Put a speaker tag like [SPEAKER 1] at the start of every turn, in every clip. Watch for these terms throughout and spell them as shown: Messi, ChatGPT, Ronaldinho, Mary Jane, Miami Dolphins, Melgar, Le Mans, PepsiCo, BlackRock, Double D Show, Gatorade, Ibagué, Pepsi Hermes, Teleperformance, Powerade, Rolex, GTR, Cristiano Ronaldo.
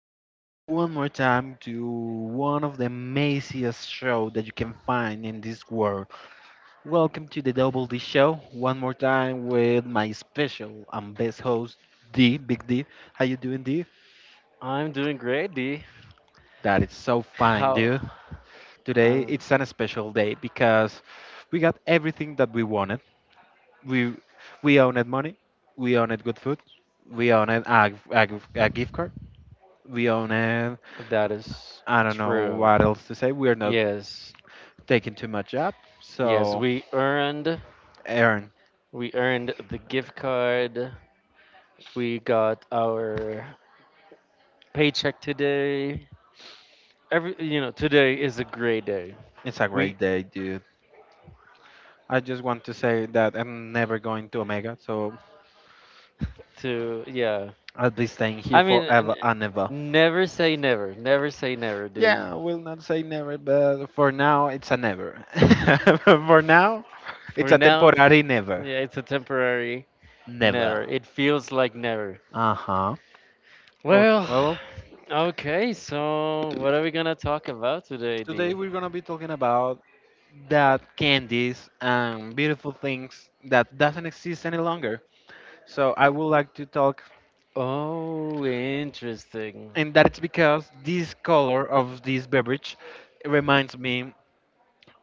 [SPEAKER 1] welcome one more time to one of the amaziest show that you can find in this world. Welcome to the Double D Show one more time with my special and best host D, Big D. How you doing, D?
[SPEAKER 2] I'm doing great, D.
[SPEAKER 1] That is so fine,
[SPEAKER 2] How
[SPEAKER 1] dude. Today
[SPEAKER 2] I'm
[SPEAKER 1] it's an special day because we got everything that we wanted. We we owned money, we owned good food, we owned a gift card, we owned
[SPEAKER 2] That is
[SPEAKER 1] I don't know
[SPEAKER 2] true.
[SPEAKER 1] what else to say. We're not
[SPEAKER 2] Yes.
[SPEAKER 1] taking too much up.
[SPEAKER 2] Yes,
[SPEAKER 1] So,
[SPEAKER 2] we earned
[SPEAKER 1] Aaron,
[SPEAKER 2] we earned the gift card. We got our paycheck today. Today is a great day.
[SPEAKER 1] it's a
[SPEAKER 2] We
[SPEAKER 1] great day, dude. I just want to say that I'm never going to Omega, so
[SPEAKER 2] to Yeah.
[SPEAKER 1] I'll be staying here
[SPEAKER 2] I mean,
[SPEAKER 1] forever and ever.
[SPEAKER 2] never say never. Never say never, dude.
[SPEAKER 1] Yeah, I will not say never, but for now, it's a never. For now, it's
[SPEAKER 2] For
[SPEAKER 1] a
[SPEAKER 2] now,
[SPEAKER 1] temporary never.
[SPEAKER 2] yeah, it's a temporary
[SPEAKER 1] Never.
[SPEAKER 2] never. It feels like never.
[SPEAKER 1] Uh huh. Okay,
[SPEAKER 2] Well,
[SPEAKER 1] well,
[SPEAKER 2] okay, so what are we gonna talk about today,
[SPEAKER 1] today
[SPEAKER 2] D?
[SPEAKER 1] we're gonna be talking about that candies and beautiful things that doesn't exist any longer. So I would like to talk,
[SPEAKER 2] Oh, interesting.
[SPEAKER 1] and that it's because this color of this beverage reminds me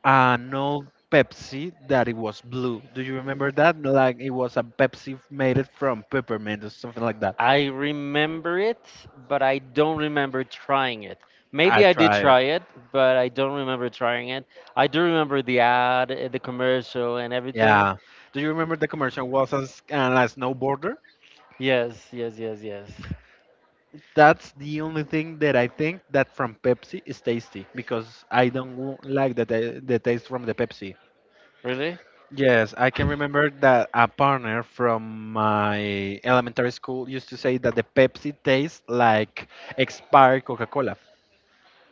[SPEAKER 1] an old Pepsi that it was blue. Do you remember that? No, like it was a Pepsi made it from peppermint or something like that.
[SPEAKER 2] I remember it, but I don't remember trying it. Maybe
[SPEAKER 1] I
[SPEAKER 2] I did
[SPEAKER 1] tried.
[SPEAKER 2] try it, but I don't remember trying it. I do remember the ad, the commercial, and everything.
[SPEAKER 1] Yeah. Do you remember the commercial was as a snowboarder?
[SPEAKER 2] Yes, yes, yes, yes.
[SPEAKER 1] That's the only thing that I think that from Pepsi is tasty because I don't like the taste from the Pepsi.
[SPEAKER 2] Really?
[SPEAKER 1] Yes, I can remember that a partner from my elementary school used to say that the Pepsi tastes like expired Coca-Cola.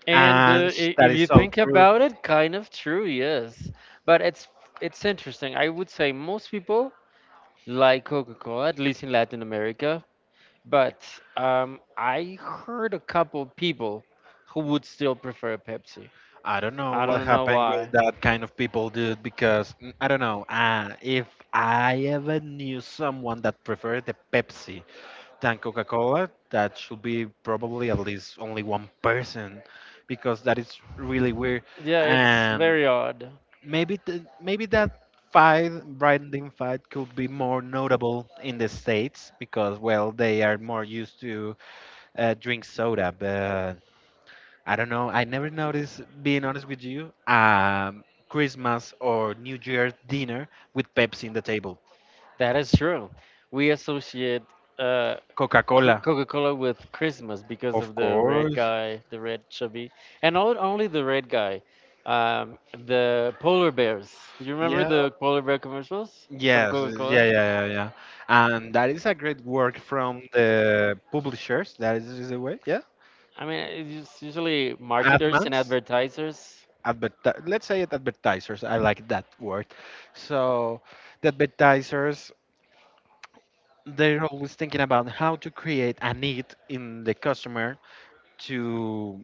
[SPEAKER 2] And
[SPEAKER 1] And that
[SPEAKER 2] if
[SPEAKER 1] is
[SPEAKER 2] you
[SPEAKER 1] so
[SPEAKER 2] think
[SPEAKER 1] true.
[SPEAKER 2] about it, kind of true, yes. But it's interesting. I would say most people like Coca-Cola, at least in Latin America. But I heard a couple people who would still prefer Pepsi.
[SPEAKER 1] I don't know
[SPEAKER 2] I
[SPEAKER 1] what
[SPEAKER 2] don't know
[SPEAKER 1] happened
[SPEAKER 2] why.
[SPEAKER 1] with that kind of people, dude, because I don't know. If I ever knew someone that preferred the Pepsi than Coca Cola, that should be probably at least only one person, because that is really weird.
[SPEAKER 2] Yeah, it's
[SPEAKER 1] And
[SPEAKER 2] very odd.
[SPEAKER 1] maybe maybe that fight, branding fight, could be more notable in the states because well, they are more used to drink soda. But I don't know. I never noticed. Being honest with you, Christmas or New Year dinner with Pepsi in the table,
[SPEAKER 2] That is true. We associate uh,
[SPEAKER 1] Coca Cola,
[SPEAKER 2] Coca-Cola with Christmas because
[SPEAKER 1] of
[SPEAKER 2] of the red
[SPEAKER 1] course.
[SPEAKER 2] guy, the red chubby, and not only the red guy, um, the polar bears. Do you remember the polar bear commercials from
[SPEAKER 1] Yes, yeah,
[SPEAKER 2] Coca-Cola?
[SPEAKER 1] yeah, yeah, yeah. And that is a great work from the publishers. That is the way, yeah.
[SPEAKER 2] I mean, it's usually marketers and
[SPEAKER 1] Admans,
[SPEAKER 2] advertisers.
[SPEAKER 1] let's say it advertisers. I like that word. So the advertisers, they're always thinking about how to create a need in the customer to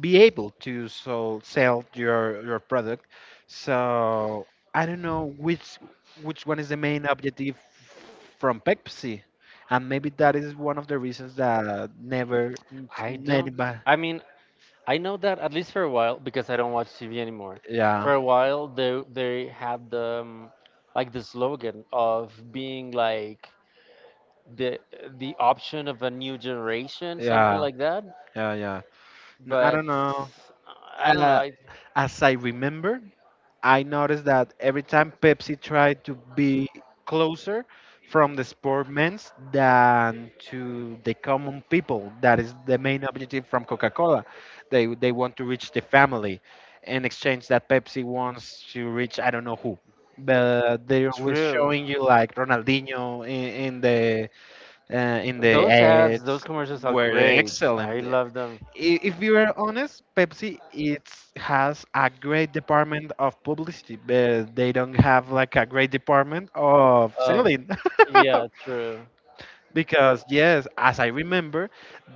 [SPEAKER 1] be able to so sell your product. So I don't know which one is the main objective from Pepsi, and maybe that is one of the reasons that never
[SPEAKER 2] I don't.
[SPEAKER 1] anybody.
[SPEAKER 2] I mean, I know that at least for a while because I don't watch TV anymore. For
[SPEAKER 1] Yeah.
[SPEAKER 2] a while, they had the like the slogan of being like the the option of a new generation, something
[SPEAKER 1] Yeah.
[SPEAKER 2] like that.
[SPEAKER 1] Yeah. Yeah. I don't
[SPEAKER 2] But
[SPEAKER 1] know.
[SPEAKER 2] I don't know.
[SPEAKER 1] Uh,
[SPEAKER 2] I
[SPEAKER 1] as I remember, I noticed that every time Pepsi tried to be closer from the sportmen's than to the common people. That is the main objective from Coca-Cola. They want to reach the family in exchange that Pepsi wants to reach I don't know who. But they're always
[SPEAKER 2] True.
[SPEAKER 1] showing you like Ronaldinho in the in the
[SPEAKER 2] Those ads, those
[SPEAKER 1] ads
[SPEAKER 2] commercials are
[SPEAKER 1] were
[SPEAKER 2] great.
[SPEAKER 1] excellent
[SPEAKER 2] I love them.
[SPEAKER 1] if we were honest, Pepsi it has a great department of publicity, but they don't have like a great department of
[SPEAKER 2] Of
[SPEAKER 1] selling.
[SPEAKER 2] Yeah, true.
[SPEAKER 1] Because yes, as I remember,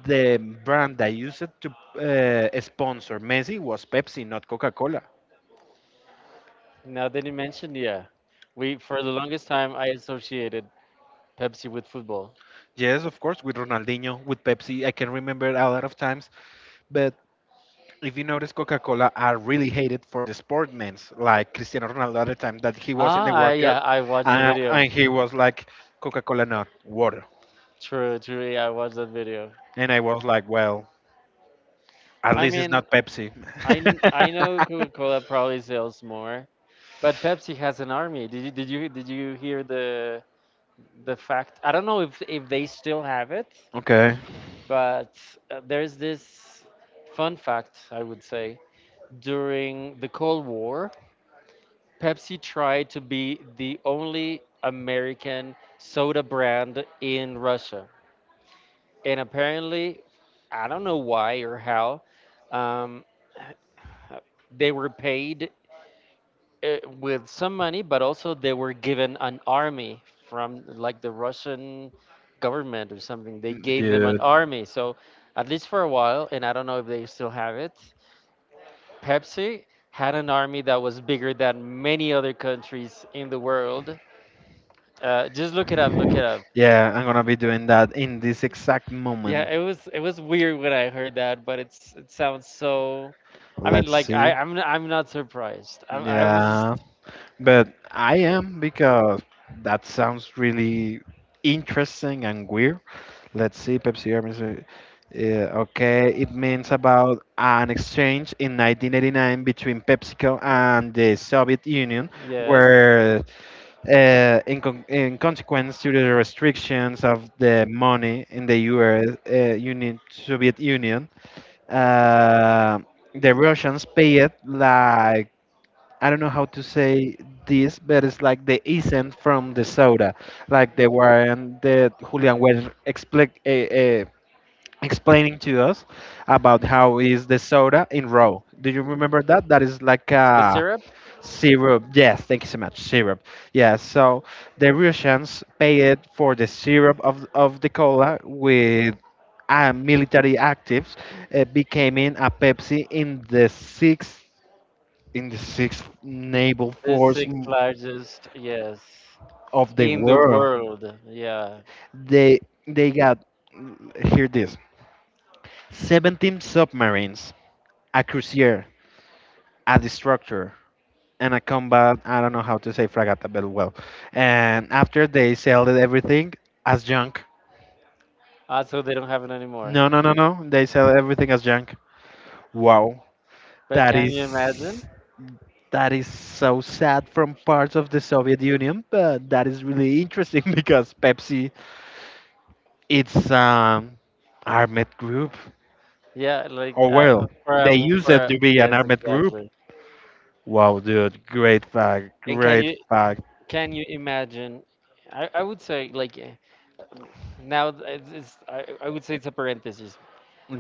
[SPEAKER 1] the brand that used to sponsor Messi was Pepsi, not Coca-Cola.
[SPEAKER 2] Now that you mentioned, yeah, we for the longest time I associated Pepsi with football.
[SPEAKER 1] Yes, of course, with Ronaldinho, with Pepsi, I can remember a lot of times, but if you notice, Coca Cola are really hated for the sportmen's, like Cristiano Ronaldo at the time that he was in
[SPEAKER 2] Ah,
[SPEAKER 1] the World Cup,
[SPEAKER 2] yeah, I watched the video.
[SPEAKER 1] and he was like, Coca Cola, not water.
[SPEAKER 2] True, true. Yeah, I watched that video.
[SPEAKER 1] And I was like, well, at
[SPEAKER 2] I
[SPEAKER 1] least it's
[SPEAKER 2] mean,
[SPEAKER 1] not Pepsi.
[SPEAKER 2] I know Coca-Cola probably sells more, but Pepsi has an army. Did you hear the fact? I don't know if they still have it,
[SPEAKER 1] Okay.
[SPEAKER 2] but there's this fun fact I would say during the Cold War. Pepsi tried to be the only American soda brand in Russia. And apparently, I don't know why or how, um, they were paid with some money, but also they were given an army from like the Russian government or something. They gave them an
[SPEAKER 1] Dude.
[SPEAKER 2] army. So, at least for a while, and I don't know if they still have it, Pepsi had an army that was bigger than many other countries in the world. Just look it up. Look it up.
[SPEAKER 1] Yeah, I'm gonna be doing that in this exact
[SPEAKER 2] Yeah,
[SPEAKER 1] moment.
[SPEAKER 2] it was weird when I heard that, but it sounds so. I mean,
[SPEAKER 1] Let's
[SPEAKER 2] like I
[SPEAKER 1] see.
[SPEAKER 2] I'm n- I'm not surprised. I was
[SPEAKER 1] Yeah, but I am because that sounds really interesting and weird. Let's see, Pepsi Hermes. Yeah, okay, it means about an exchange in 1989 between PepsiCo and the Soviet Union,
[SPEAKER 2] Yes.
[SPEAKER 1] where, in consequence to the restrictions of the money in the U.S. Union, Soviet Union, uh, the Russians paid like I don't know how to say this, but it's like the essence from the soda, like the one that Julian was expli explaining to us about how is the soda in raw. Do you remember that? That is like
[SPEAKER 2] The
[SPEAKER 1] a
[SPEAKER 2] syrup,
[SPEAKER 1] syrup. Yes, thank you so much. Syrup. Yeah. So the Russians paid for the syrup of the cola with military actives becoming a Pepsi in the 60s in the sixth naval
[SPEAKER 2] the
[SPEAKER 1] force
[SPEAKER 2] sixth largest, yes,
[SPEAKER 1] of the
[SPEAKER 2] in the
[SPEAKER 1] world.
[SPEAKER 2] world. Yeah.
[SPEAKER 1] They they got, hear this: 17 submarines, a cruiser, a destructor, and a combat. I don't know how to say frigate, but well. And after they sell everything as junk.
[SPEAKER 2] Also, they don't have it anymore.
[SPEAKER 1] No, no, no, no. They sell everything as junk. Wow,
[SPEAKER 2] But
[SPEAKER 1] that
[SPEAKER 2] can you imagine?
[SPEAKER 1] is that is so sad from parts of the Soviet Union, but that is really interesting because Pepsi, it's armed group.
[SPEAKER 2] Yeah, like,
[SPEAKER 1] Oh well, they used it to be an
[SPEAKER 2] yes,
[SPEAKER 1] armed group.
[SPEAKER 2] exactly.
[SPEAKER 1] Wow, dude, great fact,
[SPEAKER 2] And can
[SPEAKER 1] great
[SPEAKER 2] you
[SPEAKER 1] fact.
[SPEAKER 2] can you imagine? I would say like, eh, now th- it's I would say it's a parenthesis.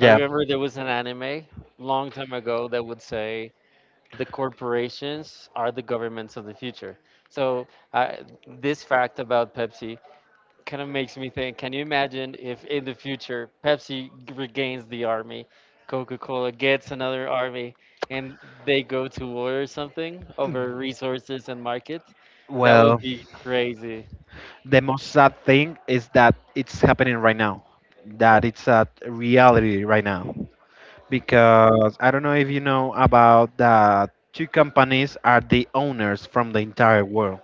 [SPEAKER 2] I remember there was an anime long time ago that would say the corporations are the governments of the future. So, this fact about Pepsi kind of makes me think: can you imagine if in the future Pepsi regains the army, Coca-Cola gets another army, and they go to war or something over resources and market? That would
[SPEAKER 1] well,
[SPEAKER 2] be crazy.
[SPEAKER 1] the most sad thing is that it's happening right now. That it's a reality right now. Because I don't know if you know about that. Two companies are the owners from the entire world.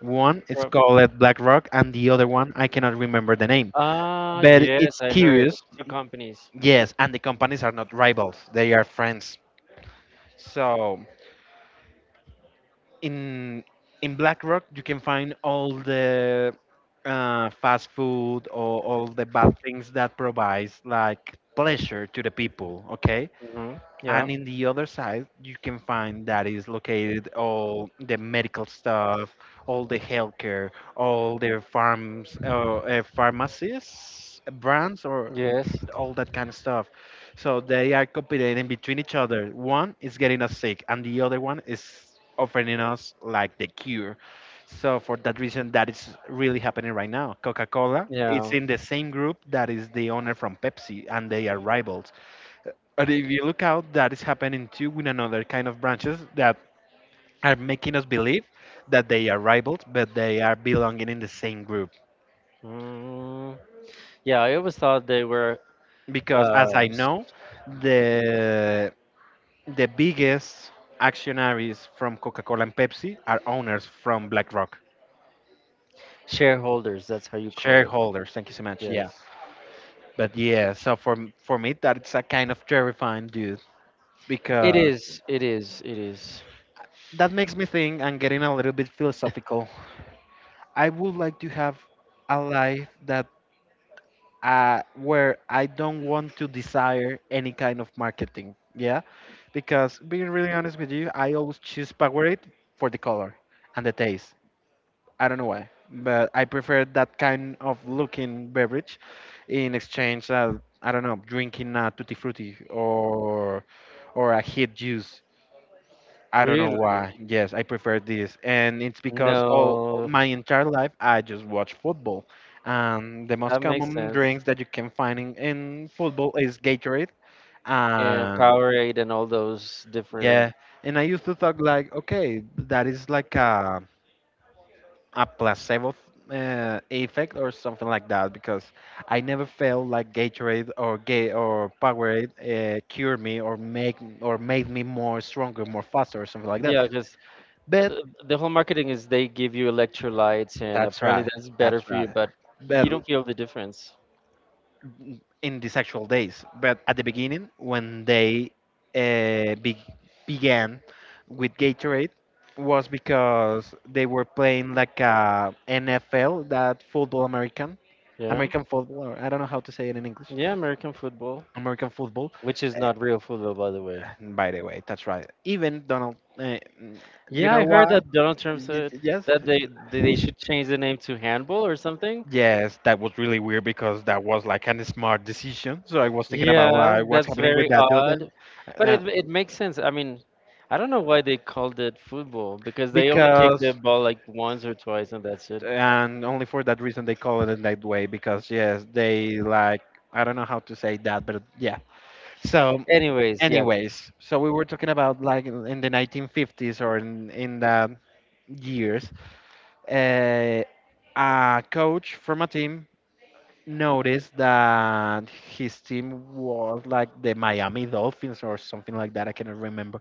[SPEAKER 1] One it's
[SPEAKER 2] Prob-
[SPEAKER 1] called Black Rock, and the other one I cannot remember the name.
[SPEAKER 2] Ah,
[SPEAKER 1] But
[SPEAKER 2] yes,
[SPEAKER 1] it's
[SPEAKER 2] I heard
[SPEAKER 1] curious,
[SPEAKER 2] two companies.
[SPEAKER 1] yes. And the companies are not rivals; they are friends. So in in Black Rock you can find all the fast food or all the bad things that provides like pleasure to the people. Okay,
[SPEAKER 2] hmm Yeah.
[SPEAKER 1] and in the other side you can find that is located all the medical stuff, all the healthcare, all the farms, pharmacies brands or
[SPEAKER 2] Yes.
[SPEAKER 1] all that kind of stuff. So they are competing between each other, one is getting us sick and the other one is offering us like the cure. So for that reason that is really happening right now, Coca-Cola it's
[SPEAKER 2] Yeah.
[SPEAKER 1] in the same group that is the owner from Pepsi and they are rivals, but if you look out, that is happening too with another kind of branches that are making us believe that they are rivals, but they are belonging in the same group.
[SPEAKER 2] Mm, yeah, I always thought they were,
[SPEAKER 1] Because as
[SPEAKER 2] uh,
[SPEAKER 1] I know, the the biggest actionaries from Coca-Cola and Pepsi are owners from BlackRock,
[SPEAKER 2] shareholders. That's how you call it.
[SPEAKER 1] shareholders. Thank you so much. Yeah,
[SPEAKER 2] Yes.
[SPEAKER 1] but yeah. So for for me, that's a kind of terrifying dude
[SPEAKER 2] It
[SPEAKER 1] because
[SPEAKER 2] is. It is. It is.
[SPEAKER 1] that makes me think and getting a little bit philosophical. I would like to have a life that where I don't want to desire any kind of marketing. Yeah, because being really honest with you, I always choose Powerade for the color and the taste. I don't know why, but I prefer that kind of looking beverage in exchange. I don't know, drinking a tutti frutti or a hit juice. I don't know
[SPEAKER 2] Really?
[SPEAKER 1] why. Yes, I prefer this, and it's because all
[SPEAKER 2] No,
[SPEAKER 1] my entire life I just watch football. The most
[SPEAKER 2] that makes
[SPEAKER 1] common
[SPEAKER 2] sense.
[SPEAKER 1] drinks that you can find in football is Gatorade.
[SPEAKER 2] And
[SPEAKER 1] Um,
[SPEAKER 2] Powerade and all those different.
[SPEAKER 1] yeah, and I used to thought like, okay, that is like a placebo effect or something like that because I never felt like Gatorade or Gay or Powerade cured me or make or made me more stronger, more faster or something like
[SPEAKER 2] Yeah, because
[SPEAKER 1] that.
[SPEAKER 2] the whole marketing is they give you electrolytes, and
[SPEAKER 1] That's
[SPEAKER 2] apparently
[SPEAKER 1] right.
[SPEAKER 2] that's better
[SPEAKER 1] That's
[SPEAKER 2] for you,
[SPEAKER 1] right.
[SPEAKER 2] but
[SPEAKER 1] But
[SPEAKER 2] you don't feel the difference.
[SPEAKER 1] in these actual days, but at the beginning when they uh, be- began with Gatorade was because they were playing like a NFL, that football American,
[SPEAKER 2] Yeah.
[SPEAKER 1] American football. Or I don't know how to say it in English.
[SPEAKER 2] Yeah, American football,
[SPEAKER 1] American football.
[SPEAKER 2] which is
[SPEAKER 1] Uh,
[SPEAKER 2] not real football, by the way.
[SPEAKER 1] by the way, that's right. Even Donald, you
[SPEAKER 2] Yeah,
[SPEAKER 1] know
[SPEAKER 2] I heard
[SPEAKER 1] what?
[SPEAKER 2] that Donald Trump said
[SPEAKER 1] Yes,
[SPEAKER 2] that they should change the name to handball or something.
[SPEAKER 1] yes, that was really weird because that was like a smart decision. So I was thinking about
[SPEAKER 2] Yeah,
[SPEAKER 1] like what's
[SPEAKER 2] that's
[SPEAKER 1] happening with
[SPEAKER 2] very
[SPEAKER 1] that dude, and,
[SPEAKER 2] odd, but
[SPEAKER 1] uh,
[SPEAKER 2] it makes sense. I mean, I don't know why they called it football because they only kick the
[SPEAKER 1] because
[SPEAKER 2] ball like once or twice and that's it.
[SPEAKER 1] and only for that reason they call it in that way because yes, they like I don't know how to say that, but yeah. So
[SPEAKER 2] Anyways, yeah.
[SPEAKER 1] anyways, so we were talking about like in the 1950s or in the years, uh, a coach from a team noticed that his team was like the Miami Dolphins or something like that. I cannot remember.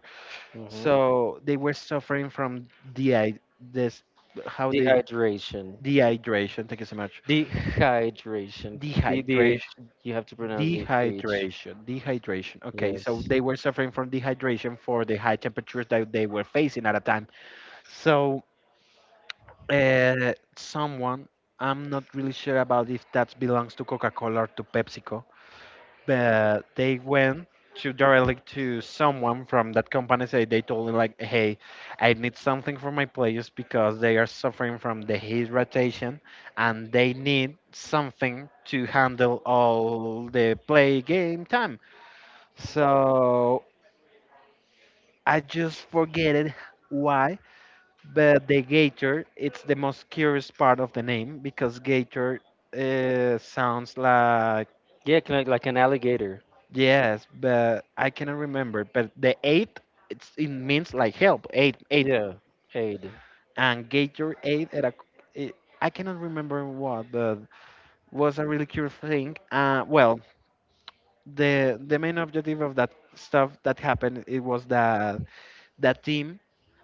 [SPEAKER 2] hmm
[SPEAKER 1] So they were suffering from dehy this how they
[SPEAKER 2] Dehydration.
[SPEAKER 1] dehydration. Thank you so much.
[SPEAKER 2] Dehydration. DDH.
[SPEAKER 1] Dehydration.
[SPEAKER 2] You have to pronounce the H.
[SPEAKER 1] Dehydration, dehydration. Okay, so
[SPEAKER 2] Yes.
[SPEAKER 1] they were suffering from dehydration for the high temperatures that they were facing at a time. So, someone, I'm not really sure about if that belongs to Coca Cola or to PepsiCo, but they went to directly to someone from that company, say they told him like, hey, I need something for my players because they are suffering from dehydration and they need something to handle all the play game time. So I just forget it why, but the gator it's the most curious part of the name because gator sounds like
[SPEAKER 2] Yeah, like an alligator.
[SPEAKER 1] yes, but I cannot remember. But the eight, it's, it means like help. Eight, eight,
[SPEAKER 2] Yeah, aid.
[SPEAKER 1] and get your aid at a. It, I cannot remember what, but was a really curious thing. The main objective of that stuff that happened it was that that team,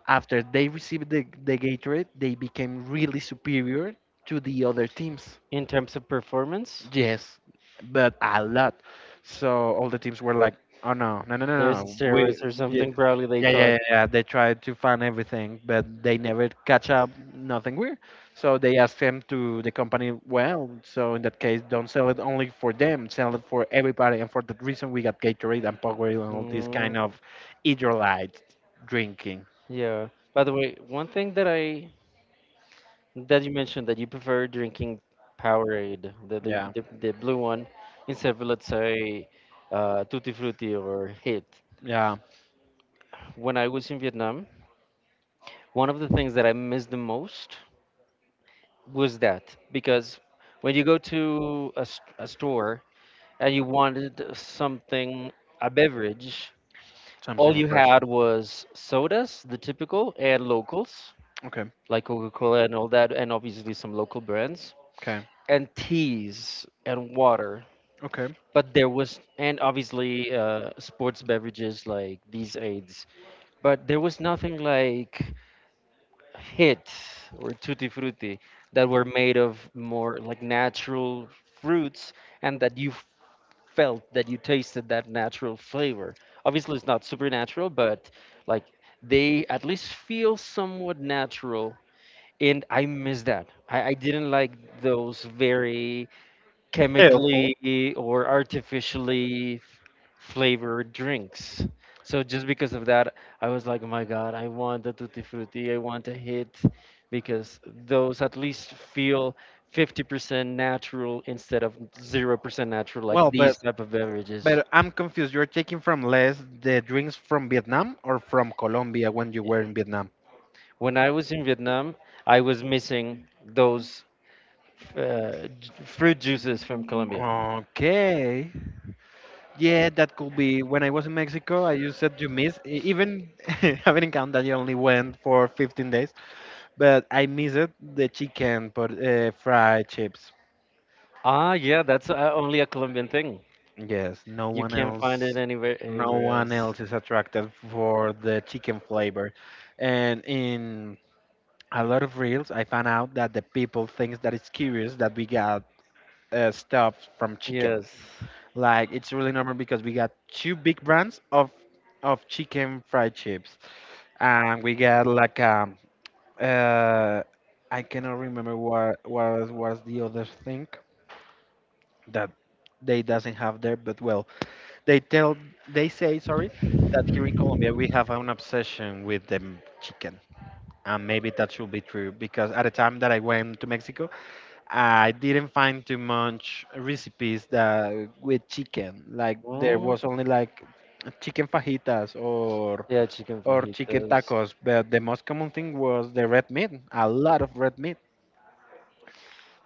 [SPEAKER 1] after they received the Gatorade, they became really superior to the other teams.
[SPEAKER 2] In terms of performance,
[SPEAKER 1] Yes, but a lot. So all the teams were like, "Oh no, no, no, no,
[SPEAKER 2] there's
[SPEAKER 1] no! We,"
[SPEAKER 2] steroids or something. Probably they
[SPEAKER 1] yeah, yeah,
[SPEAKER 2] thought.
[SPEAKER 1] yeah, yeah. They tried to find everything, but they never catch up. Nothing weird. So they asked him to the company. Well, so in that case, don't sell it only for them. Sell it for everybody, and for that reason, we got Gatorade and Powerade and all this kind
[SPEAKER 2] Mm,
[SPEAKER 1] of electrolyte drinking.
[SPEAKER 2] yeah. By the way, one thing that you mentioned that you prefer drinking Powerade, the the,
[SPEAKER 1] Yeah,
[SPEAKER 2] the, the blue one, instead of let's say, Tutti Frutti or Hit.
[SPEAKER 1] yeah,
[SPEAKER 2] When I was in Vietnam, one of the things that I missed the most was that, because when you go to a store and you wanted something, a beverage,
[SPEAKER 1] something
[SPEAKER 2] all you
[SPEAKER 1] refreshing.
[SPEAKER 2] had was sodas, the typical, and locals,
[SPEAKER 1] Okay,
[SPEAKER 2] like Coca Cola and all that, and obviously some local brands,
[SPEAKER 1] okay,
[SPEAKER 2] and teas and water.
[SPEAKER 1] okay.
[SPEAKER 2] But there was, and obviously, sports beverages like these aids, but there was nothing like Hit or Tutti Frutti that were made of more like natural fruits and that you felt that you tasted that natural flavor. Obviously, it's not supernatural, but like they at least feel somewhat natural. And I miss that. I didn't like those very
[SPEAKER 1] Helpful.
[SPEAKER 2] chemically or artificially, flavored drinks. So just because of that, I was like, oh my God, I want a tutti frutti, I want a hit, because those at least feel 50% natural instead of 0% natural, like
[SPEAKER 1] Well, but
[SPEAKER 2] these type of beverages.
[SPEAKER 1] but I'm confused. You're taking from Les the drinks from Vietnam or from Colombia when you were in Vietnam?
[SPEAKER 2] When I was in Vietnam, I was missing those, fruit juices from Colombia.
[SPEAKER 1] Okay. Yeah, that could be. When I was in Mexico, I used it to miss, even having in count that I only went for 15 days, but I missed it, the chicken, but fried chips.
[SPEAKER 2] Ah, yeah, that's, only a Colombian thing.
[SPEAKER 1] Yes, no
[SPEAKER 2] You
[SPEAKER 1] one
[SPEAKER 2] can't find it
[SPEAKER 1] else,
[SPEAKER 2] anywhere
[SPEAKER 1] no
[SPEAKER 2] anywhere
[SPEAKER 1] one
[SPEAKER 2] else.
[SPEAKER 1] else is attracted for the chicken flavor. And in a lot of reels, I found out that the people thinks that it's curious that we got stuff from chicken.
[SPEAKER 2] Yes.
[SPEAKER 1] Like it's really normal because we got two big brands of chicken fried chips, and we got like uh I cannot remember what was the other thing that they doesn't have there, but well, they tell they say sorry that here in Colombia we have an obsession with the chicken, and maybe that should be true because at the time that I went to Mexico. I didn't find too much recipes that with chicken. Like there
[SPEAKER 2] Mm,
[SPEAKER 1] was only like chicken fajitas or
[SPEAKER 2] yeah, chicken
[SPEAKER 1] or chicken
[SPEAKER 2] fajitas.
[SPEAKER 1] tacos, but the most common thing was the red meat, a lot of red meat.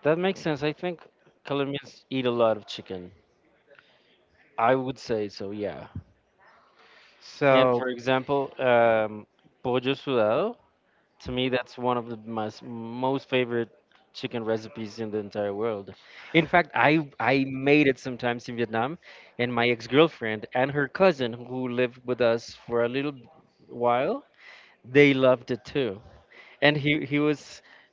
[SPEAKER 2] That makes sense. I think Colombians eat a lot of chicken. I would say so, yeah. And
[SPEAKER 1] So
[SPEAKER 2] for example, pollo sudado, to me, that's one of the most, most favorite chicken recipes in the entire world. In fact, I made it sometimes in Vietnam, and my ex-girlfriend and her cousin, who lived with us for a little while, they loved it too. And he was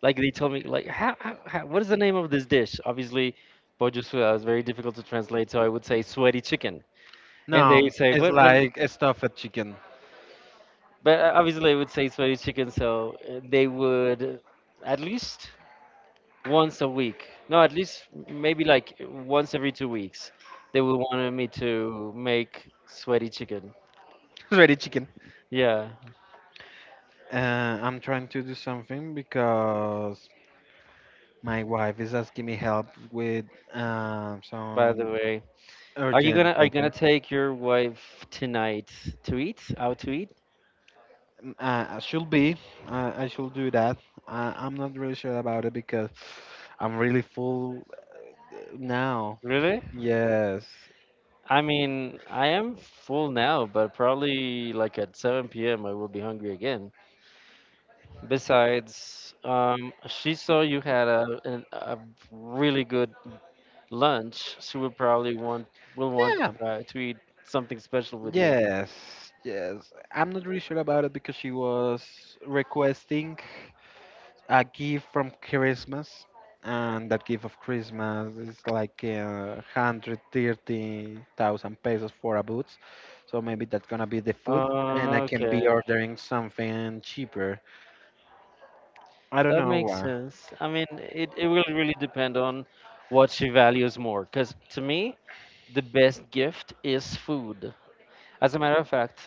[SPEAKER 2] like, they told me like, how what is the name of this dish? Obviously, bojusua was very difficult to translate, so I would say sweaty chicken. And they
[SPEAKER 1] no,
[SPEAKER 2] say,
[SPEAKER 1] it's
[SPEAKER 2] what when
[SPEAKER 1] like a stuffed chicken,
[SPEAKER 2] but obviously I would say sweaty chicken, so, they would at least once a week. No, at least maybe like once every 2 weeks. They would want me to make sweaty chicken.
[SPEAKER 1] ready chicken.
[SPEAKER 2] Yeah,
[SPEAKER 1] I'm trying to do something because my wife is asking me help with
[SPEAKER 2] by the
[SPEAKER 1] some
[SPEAKER 2] way. Are you
[SPEAKER 1] urgent
[SPEAKER 2] gonna are you gonna
[SPEAKER 1] papers.
[SPEAKER 2] take your wife tonight to eat? Out to eat?
[SPEAKER 1] Mm, I should be. I should do that. I'm not really sure about it because I'm really full now.
[SPEAKER 2] Really?
[SPEAKER 1] Yes.
[SPEAKER 2] I mean, I am full now, but probably like at 7 p.m. I will be hungry again. Besides, she saw you had a really good lunch. She will probably want will want
[SPEAKER 1] Yeah.
[SPEAKER 2] to, uh, to eat something special with you.
[SPEAKER 1] Yes. Yes. I'm not really sure about it because she was requesting a gift from Christmas, and that gift of Christmas is like 130,000 pesos for a boots. So maybe that's gonna be the food, and I can be
[SPEAKER 2] Okay,
[SPEAKER 1] ordering something cheaper. I don't
[SPEAKER 2] that
[SPEAKER 1] know
[SPEAKER 2] makes
[SPEAKER 1] why.
[SPEAKER 2] sense. I mean, it will really depend on what she values more. Because to me, the best gift is food. As a matter of fact,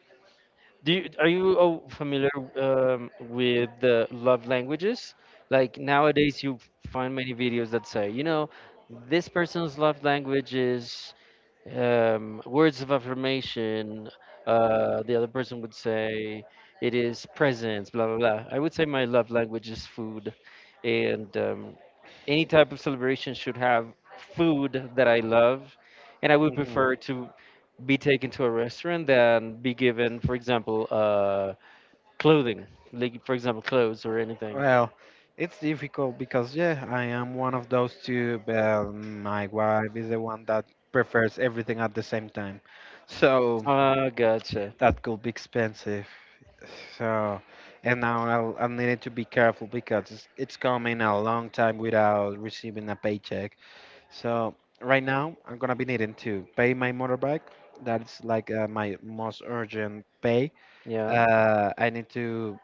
[SPEAKER 2] Are you, familiar, with the love languages? Like nowadays, you find many videos that say, this person's love language is, words of affirmation. The other person would say it is presents, blah blah blah. I would say my love language is food, and, any type of celebration should have food that I love, and I would
[SPEAKER 1] Mhm.
[SPEAKER 2] prefer to be taken to a restaurant than be given, for example, clothing, like for example, clothes or anything.
[SPEAKER 1] Well, it's difficult because yeah, I am one of those two, but my wife is the one that prefers everything at the same time. So
[SPEAKER 2] Ah, gotcha.
[SPEAKER 1] that could be expensive. So, and now I'm needing to be careful because it's coming a long time without receiving a paycheck. So right now I'm gonna be needing to pay my motorbike. That's like my most urgent pay.
[SPEAKER 2] Yeah.
[SPEAKER 1] I need to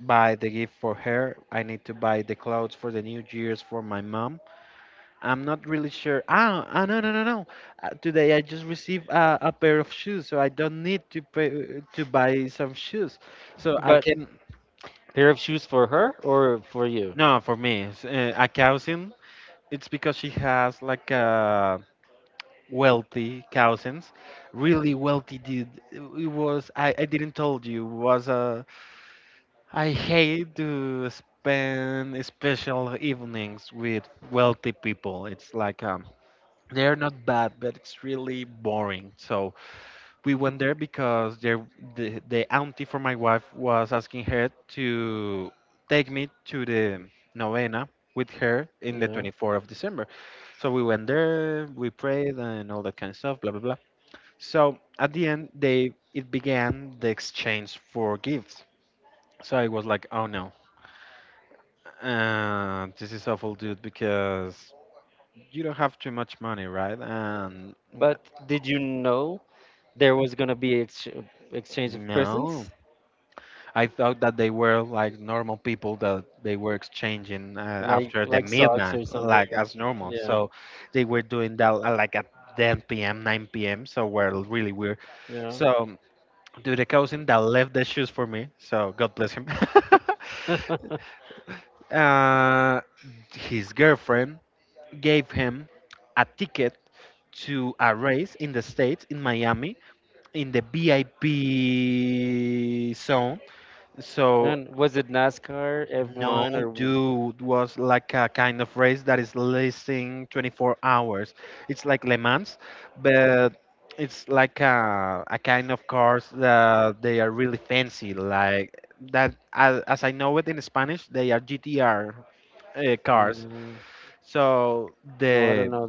[SPEAKER 1] buy the gift for her. I need to buy the clothes for the New Year's for my mom. I'm not really sure. Ah, ah no, no, no, no. Today I just received a pair of shoes, so I don't need to pay to buy some shoes. So I
[SPEAKER 2] But
[SPEAKER 1] can.
[SPEAKER 2] pair of shoes for her or for you?
[SPEAKER 1] No, for me, a cousin. It's because she has like a wealthy cousins, really wealthy dude. It was I didn't told you was a I hate to spend special evenings with wealthy people. It's like they're not bad, but it's really boring. So we went there because the auntie for my wife was asking her to take me to the novena with her in the
[SPEAKER 2] Yeah.
[SPEAKER 1] 24th of December. So we went there, we prayed and all that kind of stuff, blah blah blah. So at the end, they it began the exchange for gifts. So I was like, oh no, and this is awful, dude, because you don't have too much money, right? And
[SPEAKER 2] But did you know there was gonna be ex exchange of presents,
[SPEAKER 1] no, I thought that they were like normal people that they were exchanging
[SPEAKER 2] like
[SPEAKER 1] after the
[SPEAKER 2] like socks
[SPEAKER 1] midnight,
[SPEAKER 2] or something?
[SPEAKER 1] like as normal.
[SPEAKER 2] Yeah.
[SPEAKER 1] So they were doing that like at 10 p.m., 9 p.m. So we're really weird.
[SPEAKER 2] Yeah.
[SPEAKER 1] So, dude, the cousin that left the shoes for me. So God bless him. uh, his girlfriend gave him a ticket to a race in the States, in Miami, in the VIP zone. So,
[SPEAKER 2] And was it NASCAR,
[SPEAKER 1] no,
[SPEAKER 2] F1, or
[SPEAKER 1] dude, was like a kind of race that is lasting 24 hours. It's like Le Mans, but it's like a kind of cars that they are really fancy, like that. As I know it in Spanish, they are GTR cars.
[SPEAKER 2] mm,
[SPEAKER 1] So
[SPEAKER 2] no? I
[SPEAKER 1] the
[SPEAKER 2] don't know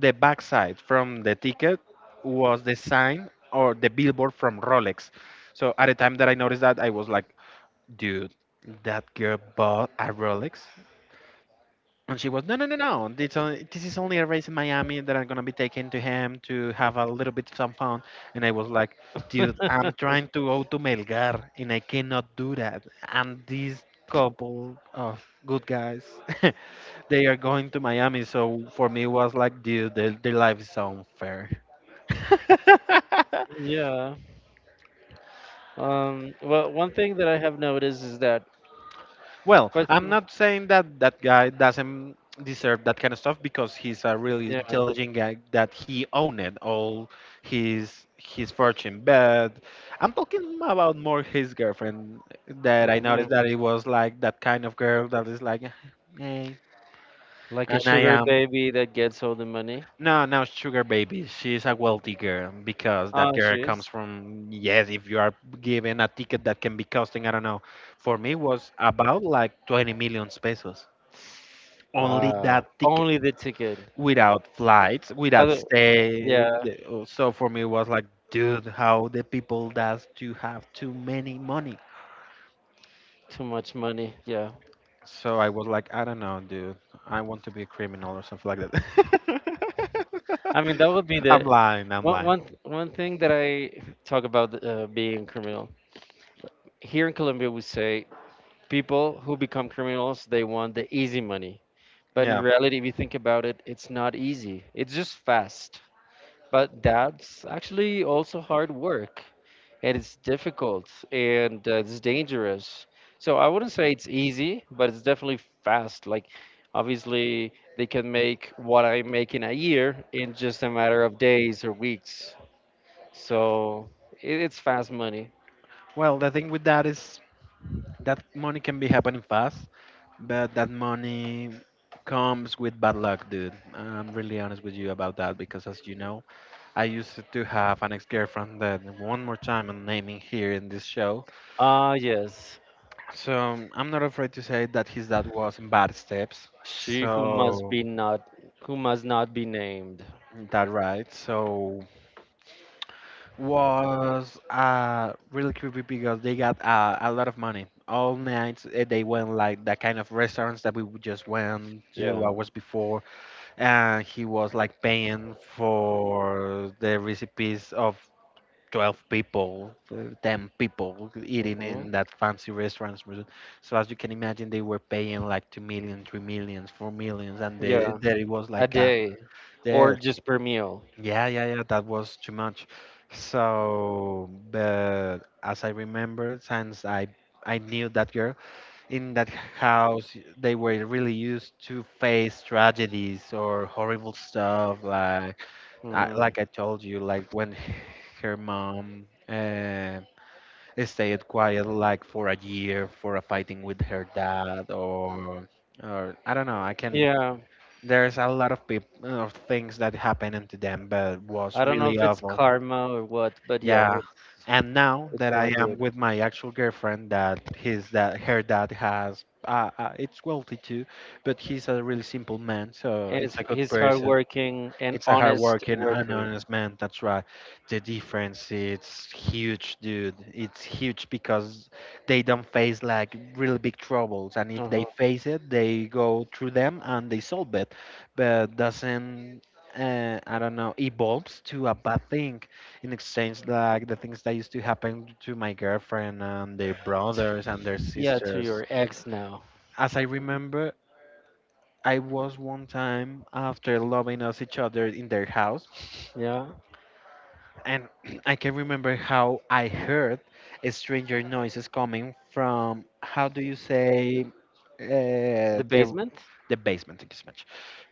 [SPEAKER 1] the backside from the ticket was the sign or the billboard from Rolex. So at the time that I noticed that, I was like, dude, that girl bought a Rolex. And she was, no, no, no, no. This, only, this is only a race in Miami that I'm going to be taking to him to have a little bit some fun. And I was like, dude, I'm
[SPEAKER 2] that.
[SPEAKER 1] trying to go to Melgar and I cannot do that. And this couple of good guys they are going to Miami, so for me it was like, dude, their life is so unfair.
[SPEAKER 2] Yeah. Well, one thing that I have noticed is that
[SPEAKER 1] Well,
[SPEAKER 2] first,
[SPEAKER 1] I'm not saying that that guy doesn't deserve that kind of stuff because he's a really
[SPEAKER 2] yeah.
[SPEAKER 1] intelligent guy that he owned all his fortune. But I'm talking about more his girlfriend that I
[SPEAKER 2] hmm
[SPEAKER 1] noticed that it was like that kind of girl that is like, hey,
[SPEAKER 2] like a
[SPEAKER 1] and I
[SPEAKER 2] sugar
[SPEAKER 1] am.
[SPEAKER 2] baby that gets all the money.
[SPEAKER 1] No, no, sugar baby. She's a wealthy girl because that
[SPEAKER 2] Ah,
[SPEAKER 1] girl comes
[SPEAKER 2] she's
[SPEAKER 1] from, yes, if you are given a ticket that can be costing, I don't know, for me was about like 20 million pesos. Only
[SPEAKER 2] Wow.
[SPEAKER 1] that ticket
[SPEAKER 2] Only the ticket.
[SPEAKER 1] without flights,
[SPEAKER 2] But,
[SPEAKER 1] without stay.
[SPEAKER 2] yeah,
[SPEAKER 1] So for me was like, dude, how the people does to have too many money.
[SPEAKER 2] too much money. Yeah.
[SPEAKER 1] So I was like, I don't know, dude. I want to be a criminal or something like that.
[SPEAKER 2] I mean, that would be
[SPEAKER 1] I'm
[SPEAKER 2] the
[SPEAKER 1] lying, I'm
[SPEAKER 2] one
[SPEAKER 1] lying.
[SPEAKER 2] one one thing that I talk about, being criminal. Here in Colombia, we say people who become criminals they want the easy money. But in
[SPEAKER 1] Yeah.
[SPEAKER 2] reality, if you think about it, it's not easy. It's just fast. But that's actually also hard work. And it's difficult and, it's dangerous. So I wouldn't say it's easy, but it's definitely fast. Like, obviously, they can make what I make in a year in just a matter of days or weeks. So it's fast money.
[SPEAKER 1] Well, the thing with that is that money can be happening fast, but that money comes with bad luck, dude. I'm really honest with you about that because, as you know, I used to have an ex-girlfriend that one more time I'm naming here in this show.
[SPEAKER 2] Ah, yes.
[SPEAKER 1] So I'm not afraid to say that his dad was in bad steps.
[SPEAKER 2] She who must
[SPEAKER 1] So
[SPEAKER 2] be not, who must not be named.
[SPEAKER 1] that right. So was really creepy because they got a lot of money. All nights eh, they went like that kind of restaurants that we would just went two
[SPEAKER 2] Yeah.
[SPEAKER 1] hours before and he was like paying for the recipes of 12 people, 10 people eating
[SPEAKER 2] Hmm.
[SPEAKER 1] in that fancy restaurants. So as you can imagine, they were paying like 2 million, 3 millions, 4 millions, and they,
[SPEAKER 2] Yeah,
[SPEAKER 1] there it was
[SPEAKER 2] a
[SPEAKER 1] like a,
[SPEAKER 2] day
[SPEAKER 1] there,
[SPEAKER 2] or just per meal.
[SPEAKER 1] yeah, yeah, yeah, that was too much. So, but as I remember, since I knew that girl, in that house they were really used to face tragedies or horrible stuff
[SPEAKER 2] Hmm.
[SPEAKER 1] like I told you like when her mom stayed quiet like for a year for a fighting with her dad or I don't know I can
[SPEAKER 2] Yeah,
[SPEAKER 1] there's a lot of people of things that happened to them but was
[SPEAKER 2] I don't know
[SPEAKER 1] really
[SPEAKER 2] if it's
[SPEAKER 1] awful
[SPEAKER 2] karma or what, but yeah,
[SPEAKER 1] yeah.
[SPEAKER 2] it's
[SPEAKER 1] And now
[SPEAKER 2] it's
[SPEAKER 1] that I
[SPEAKER 2] not
[SPEAKER 1] am
[SPEAKER 2] good.
[SPEAKER 1] with my actual girlfriend, that her dad has, it's wealthy too, but he's a really simple man, so
[SPEAKER 2] And it's,
[SPEAKER 1] it's a good
[SPEAKER 2] he's
[SPEAKER 1] person.
[SPEAKER 2] hardworking and
[SPEAKER 1] It's a
[SPEAKER 2] honest
[SPEAKER 1] hardworking and
[SPEAKER 2] worker.
[SPEAKER 1] honest man. That's right. The difference it's huge, dude. It's huge because they don't face like really big troubles, and if they
[SPEAKER 2] Uh-huh.
[SPEAKER 1] face it, they go through them and they solve it. But doesn't I don't know evolves to a bad thing in exchange like the things that used to happen to my girlfriend and their brothers and their
[SPEAKER 2] Yeah, to
[SPEAKER 1] sisters.
[SPEAKER 2] your ex now.
[SPEAKER 1] As I remember, I was one time after loving us each other in their house.
[SPEAKER 2] Yeah,
[SPEAKER 1] And I can remember how I heard stranger noises coming from, how do you say, uh,
[SPEAKER 2] the
[SPEAKER 1] the,
[SPEAKER 2] basement?
[SPEAKER 1] the basement, thank you so much.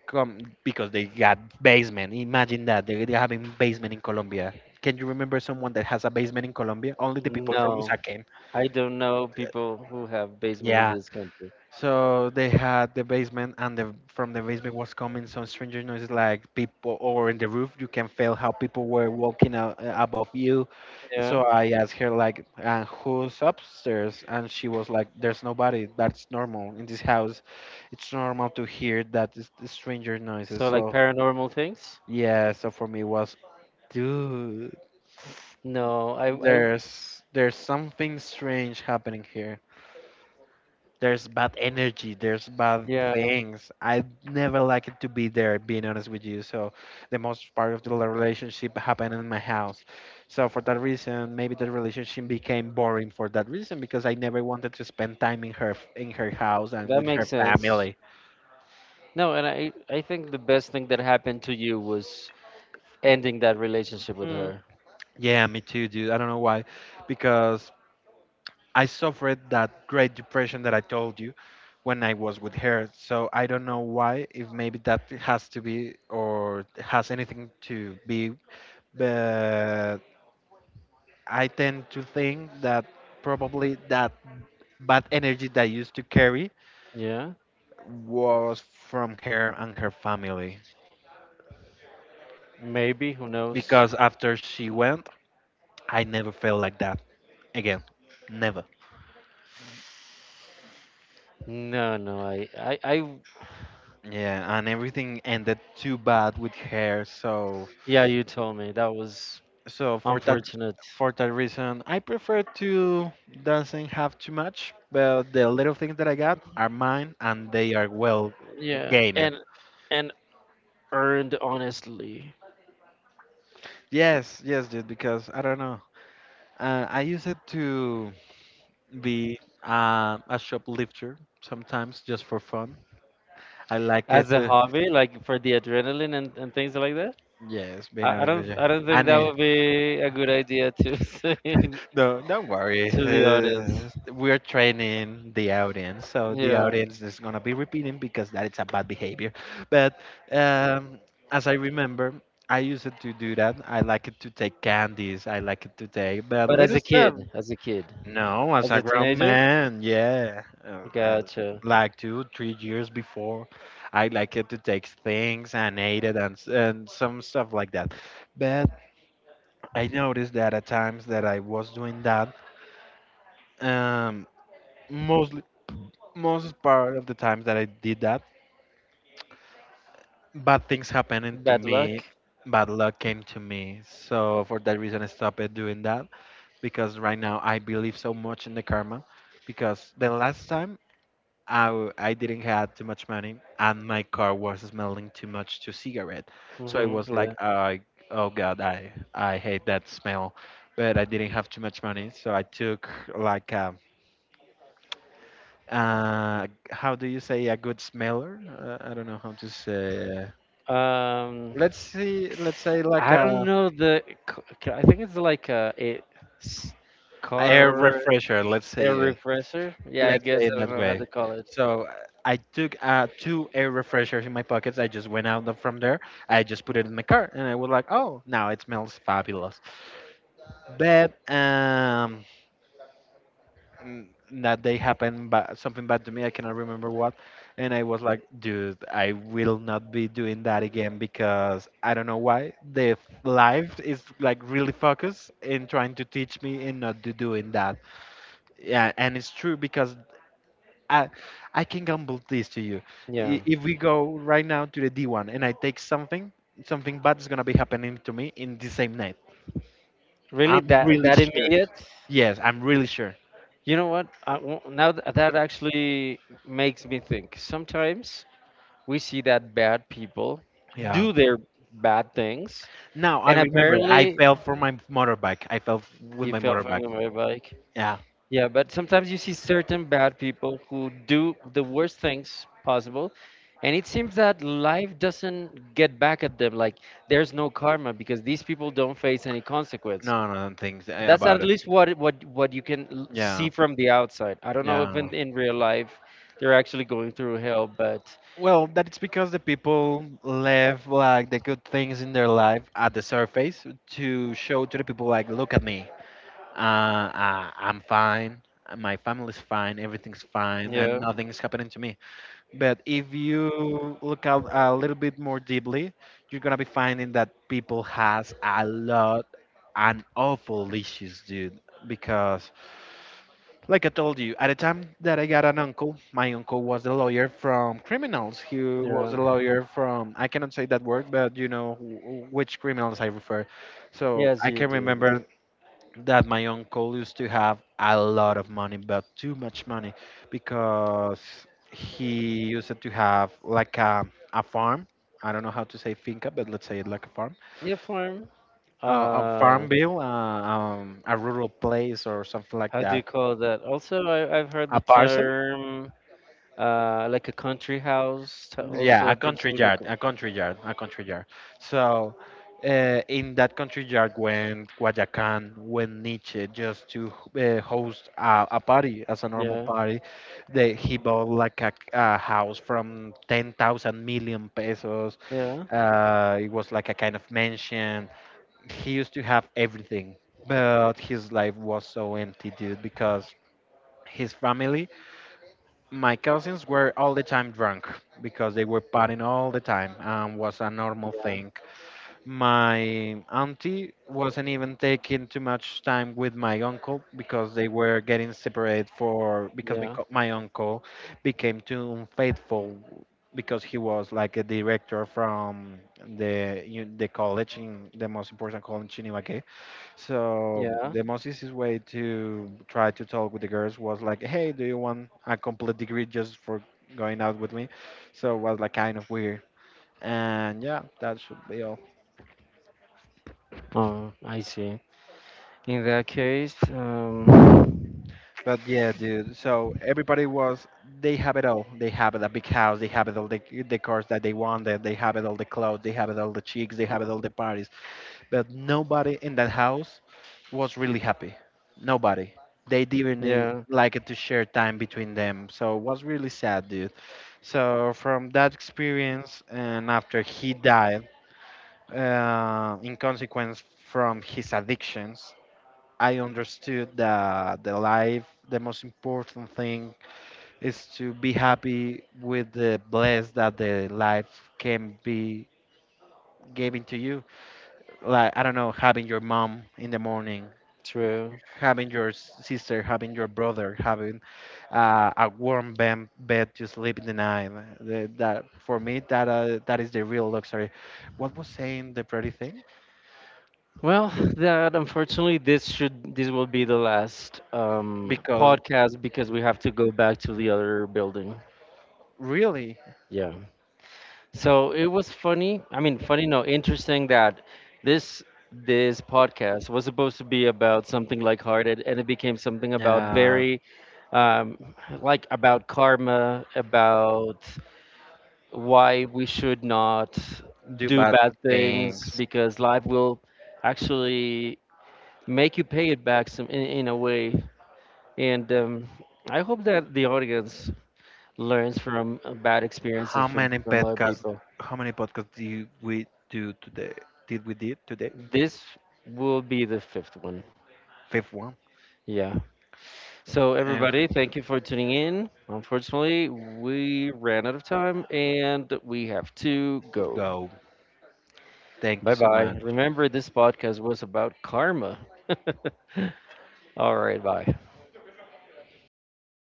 [SPEAKER 1] Come, because they got basement. Imagine that. They having basement in Colombia. Can you remember someone that has a basement in Colombia? Only the people from
[SPEAKER 2] No,
[SPEAKER 1] USA came.
[SPEAKER 2] I don't know people who have basement in
[SPEAKER 1] Yeah,
[SPEAKER 2] this country.
[SPEAKER 1] so they had the basement, and from the basement was coming some stranger noises like people, or in the roof you can feel how people were walking out, above you.
[SPEAKER 2] Yeah,
[SPEAKER 1] So I asked her like, "Who's upstairs?" And she was like, "There's nobody. That's normal in this house. It's normal to hear that stranger noises."
[SPEAKER 2] so like
[SPEAKER 1] So
[SPEAKER 2] paranormal things?
[SPEAKER 1] yeah, so for me it was, dude,
[SPEAKER 2] No, I
[SPEAKER 1] there's something strange happening here. There's bad energy, there's bad
[SPEAKER 2] yeah,
[SPEAKER 1] things. I never like it to be there, being honest with you. So the most part of the relationship happened in my house. So for that reason, maybe the relationship became boring for that reason because I never wanted to spend time in her house and
[SPEAKER 2] that
[SPEAKER 1] with
[SPEAKER 2] makes
[SPEAKER 1] her
[SPEAKER 2] sense.
[SPEAKER 1] family.
[SPEAKER 2] No, and I think the best thing that happened to you was ending that relationship with
[SPEAKER 1] Mm.
[SPEAKER 2] her.
[SPEAKER 1] Yeah, me too, dude. I don't know why, because I suffered that great depression that I told you when I was with her. So I don't know why, if maybe that has to be or has anything to be, but I tend to think that probably that bad energy that I used to carry
[SPEAKER 2] Yeah,
[SPEAKER 1] was from her and her family.
[SPEAKER 2] maybe who knows?
[SPEAKER 1] Because after she went, I never felt like that again. Never.
[SPEAKER 2] No, no, I
[SPEAKER 1] Yeah, and everything ended too bad with her, so
[SPEAKER 2] yeah, you told me that was
[SPEAKER 1] So for that
[SPEAKER 2] unfortunate.
[SPEAKER 1] for that reason, I prefer to doesn't have too much, but the little things that I got are mine and they are well
[SPEAKER 2] Yeah,
[SPEAKER 1] gained.
[SPEAKER 2] and earned honestly
[SPEAKER 1] Yes, yes, dude, because I don't know. I use it to be a shoplifter sometimes just for fun. I liked it.
[SPEAKER 2] as a hobby, like for the adrenaline, and things like that.
[SPEAKER 1] Yes, being
[SPEAKER 2] I, I
[SPEAKER 1] honest with
[SPEAKER 2] don't
[SPEAKER 1] you.
[SPEAKER 2] I don't think that
[SPEAKER 1] Anne,
[SPEAKER 2] would be a good idea to say
[SPEAKER 1] no, don't worry.
[SPEAKER 2] to the audience.
[SPEAKER 1] We're training the audience, so the
[SPEAKER 2] Yeah,
[SPEAKER 1] audience is gonna be repeating because that is a bad behavior. But um, as I remember, I used to do that. I like it to take candies. I like it to take, but
[SPEAKER 2] but as
[SPEAKER 1] little
[SPEAKER 2] a kid,
[SPEAKER 1] stuff.
[SPEAKER 2] as a kid,
[SPEAKER 1] No, as
[SPEAKER 2] as
[SPEAKER 1] a
[SPEAKER 2] a
[SPEAKER 1] grown
[SPEAKER 2] teenager.
[SPEAKER 1] man, yeah,
[SPEAKER 2] Gotcha.
[SPEAKER 1] like two, 3 years before, I like it to take things and ate it and and some stuff like that. But I noticed that at times that I was doing that um, mostly, most part of the times that I did that, bad things happening to
[SPEAKER 2] Bad luck.
[SPEAKER 1] me. Bad luck came to me. So for that reason, I stopped it doing that because right now I believe so much in the karma. Because the last time I didn't have too much money and my car was smelling too much to cigarette, so it
[SPEAKER 2] Hmm.
[SPEAKER 1] was
[SPEAKER 2] Yeah.
[SPEAKER 1] like I, oh god, I hate that smell, but I didn't have too much money, so I took like a how do you say, a good smeller, I don't know how to say,
[SPEAKER 2] Um,
[SPEAKER 1] let's see, let's say like
[SPEAKER 2] I
[SPEAKER 1] a
[SPEAKER 2] don't know, I think it's like s-
[SPEAKER 1] air
[SPEAKER 2] car
[SPEAKER 1] refresher,
[SPEAKER 2] air refresher. Yeah, I
[SPEAKER 1] let's say
[SPEAKER 2] guess I
[SPEAKER 1] it
[SPEAKER 2] don't
[SPEAKER 1] that
[SPEAKER 2] know how
[SPEAKER 1] way.
[SPEAKER 2] to call it.
[SPEAKER 1] So I took two air refreshers in my pockets. I just went out from there. I just put it in my car and I was like, oh, now it smells fabulous. But and that day happened but something bad to me. I cannot remember what. And I was like, dude, I will not be doing that again because I don't know why life is like really focused in trying to teach me and not to doing that. Yeah, and it's true because i i can gamble this to you.
[SPEAKER 2] Yeah.
[SPEAKER 1] If we go right now to the D1 and I take something, something bad is going to be happening to me in the same night.
[SPEAKER 2] Really,
[SPEAKER 1] I'm
[SPEAKER 2] that
[SPEAKER 1] really
[SPEAKER 2] that
[SPEAKER 1] sure.
[SPEAKER 2] immediate.
[SPEAKER 1] Yes, I'm really sure.
[SPEAKER 2] You know what? I, wo- now th- That actually makes me think. Sometimes we see that bad people
[SPEAKER 1] Yeah.
[SPEAKER 2] do their bad things,
[SPEAKER 1] Now I
[SPEAKER 2] and
[SPEAKER 1] remember. I
[SPEAKER 2] apparently
[SPEAKER 1] fell from my motorbike. I fell with
[SPEAKER 2] you
[SPEAKER 1] my
[SPEAKER 2] fell from
[SPEAKER 1] motorbike.
[SPEAKER 2] the motorbike.
[SPEAKER 1] Yeah.
[SPEAKER 2] Yeah, but sometimes you see certain bad people who do the worst things possible, and it seems that life doesn't get back at them. Like there's no karma because these people don't face any consequence.
[SPEAKER 1] No, no, no things
[SPEAKER 2] That's
[SPEAKER 1] about
[SPEAKER 2] at
[SPEAKER 1] it.
[SPEAKER 2] least what it- what you can,
[SPEAKER 1] Yeah.
[SPEAKER 2] see from the outside. I don't know if
[SPEAKER 1] Yeah.
[SPEAKER 2] in real life they're actually going through hell, but
[SPEAKER 1] Well, that's because the people left like the good things in their life at the surface to show to the people like, look at me. I'm fine. My family's fine. Everything's fine, and
[SPEAKER 2] yeah,
[SPEAKER 1] nothing's happening to me. But if you look out a little bit more deeply, you're gonna be finding that people has a lot and awful issues, dude. Because, like I told you, at the time that I got an uncle, my uncle was a lawyer from criminals. He was
[SPEAKER 2] yeah,
[SPEAKER 1] a lawyer from, I cannot say that word, but you know which criminals I refer. So
[SPEAKER 2] yes,
[SPEAKER 1] I
[SPEAKER 2] you
[SPEAKER 1] can
[SPEAKER 2] do.
[SPEAKER 1] remember that my uncle used to have a lot of money, but too much money, because he used to have like a farm. I don't know how to say finca, but let's say it like
[SPEAKER 2] Yeah, form.
[SPEAKER 1] a
[SPEAKER 2] Uh,
[SPEAKER 1] farm bill, a rural place or something like
[SPEAKER 2] how do you
[SPEAKER 1] that,
[SPEAKER 2] call that? Also, I've heard
[SPEAKER 1] a
[SPEAKER 2] the
[SPEAKER 1] parcel.
[SPEAKER 2] term. Like a country house.
[SPEAKER 1] Yeah, a
[SPEAKER 2] Also, people,
[SPEAKER 1] country
[SPEAKER 2] some people
[SPEAKER 1] yard, a
[SPEAKER 2] call.
[SPEAKER 1] country yard, a country yard. So, in that country yard went Guayacán, went Nietzsche just to host a party as a normal
[SPEAKER 2] Yeah,
[SPEAKER 1] party. He bought like a house from 10,000 million pesos.
[SPEAKER 2] yeah,
[SPEAKER 1] It was like a kind of mansion. He used to have everything, but his life was so empty, dude, because his family, my cousins were all the time drunk because they were partying all the time and was a normal
[SPEAKER 2] yeah,
[SPEAKER 1] thing. My auntie wasn't even taking too much time with my uncle because they were getting separated for because
[SPEAKER 2] yeah,
[SPEAKER 1] my uncle became too unfaithful because he was like a director from the college, in the most important college in Ibagué, so
[SPEAKER 2] yeah.
[SPEAKER 1] the most easiest way to try to talk with the girls was like, "Hey, do you want a complete degree just for going out with me?" So it was like kind of weird. And yeah, that should be all.
[SPEAKER 2] Oh, I see. In that case,
[SPEAKER 1] But yeah, dude. So everybody was they have it all. They have the big house. They have it all the cars that they wanted. They have it all the clothes. They have it all the chicks. They have it all the parties. But nobody in that house was really happy. Nobody. They didn't
[SPEAKER 2] yeah,
[SPEAKER 1] like it to share time between them. So it was really sad, dude. So from that experience, and after he died, in consequence from his addictions, I understood that the life, the most important thing is to be happy with the bless that the life can be given to you. Like I don't know, having your mom in the morning,
[SPEAKER 2] true.
[SPEAKER 1] having your sister, having your brother, having a warm bed to sleep in the night. That for me, that that is the real luxury. What was saying the pretty thing?
[SPEAKER 2] Well, that unfortunately, this will be the last,
[SPEAKER 1] Because
[SPEAKER 2] podcast because we have to go back to the other building.
[SPEAKER 1] really,
[SPEAKER 2] Yeah. So it was funny. I mean, funny, no, interesting that this this podcast was supposed to be about something lighthearted, and it became something about
[SPEAKER 1] uh,
[SPEAKER 2] very, um, like about karma, about why we should not
[SPEAKER 1] do
[SPEAKER 2] do
[SPEAKER 1] bad
[SPEAKER 2] bad things
[SPEAKER 1] things.
[SPEAKER 2] because life will actually make you pay it back some in a way. And, I hope that the audience learns from, bad experiences
[SPEAKER 1] How
[SPEAKER 2] from
[SPEAKER 1] many
[SPEAKER 2] from other
[SPEAKER 1] podcasts?
[SPEAKER 2] people.
[SPEAKER 1] How many podcasts do we do today? Did we did today?
[SPEAKER 2] This will be the fifth one.
[SPEAKER 1] Fifth one.
[SPEAKER 2] Yeah. So,
[SPEAKER 1] And
[SPEAKER 2] everybody, thank you for tuning in. Unfortunately, we ran out of time and we have to go.
[SPEAKER 1] go. Thank you
[SPEAKER 2] Bye
[SPEAKER 1] so
[SPEAKER 2] bye.
[SPEAKER 1] much.
[SPEAKER 2] Remember, this podcast was about karma. All right. Bye.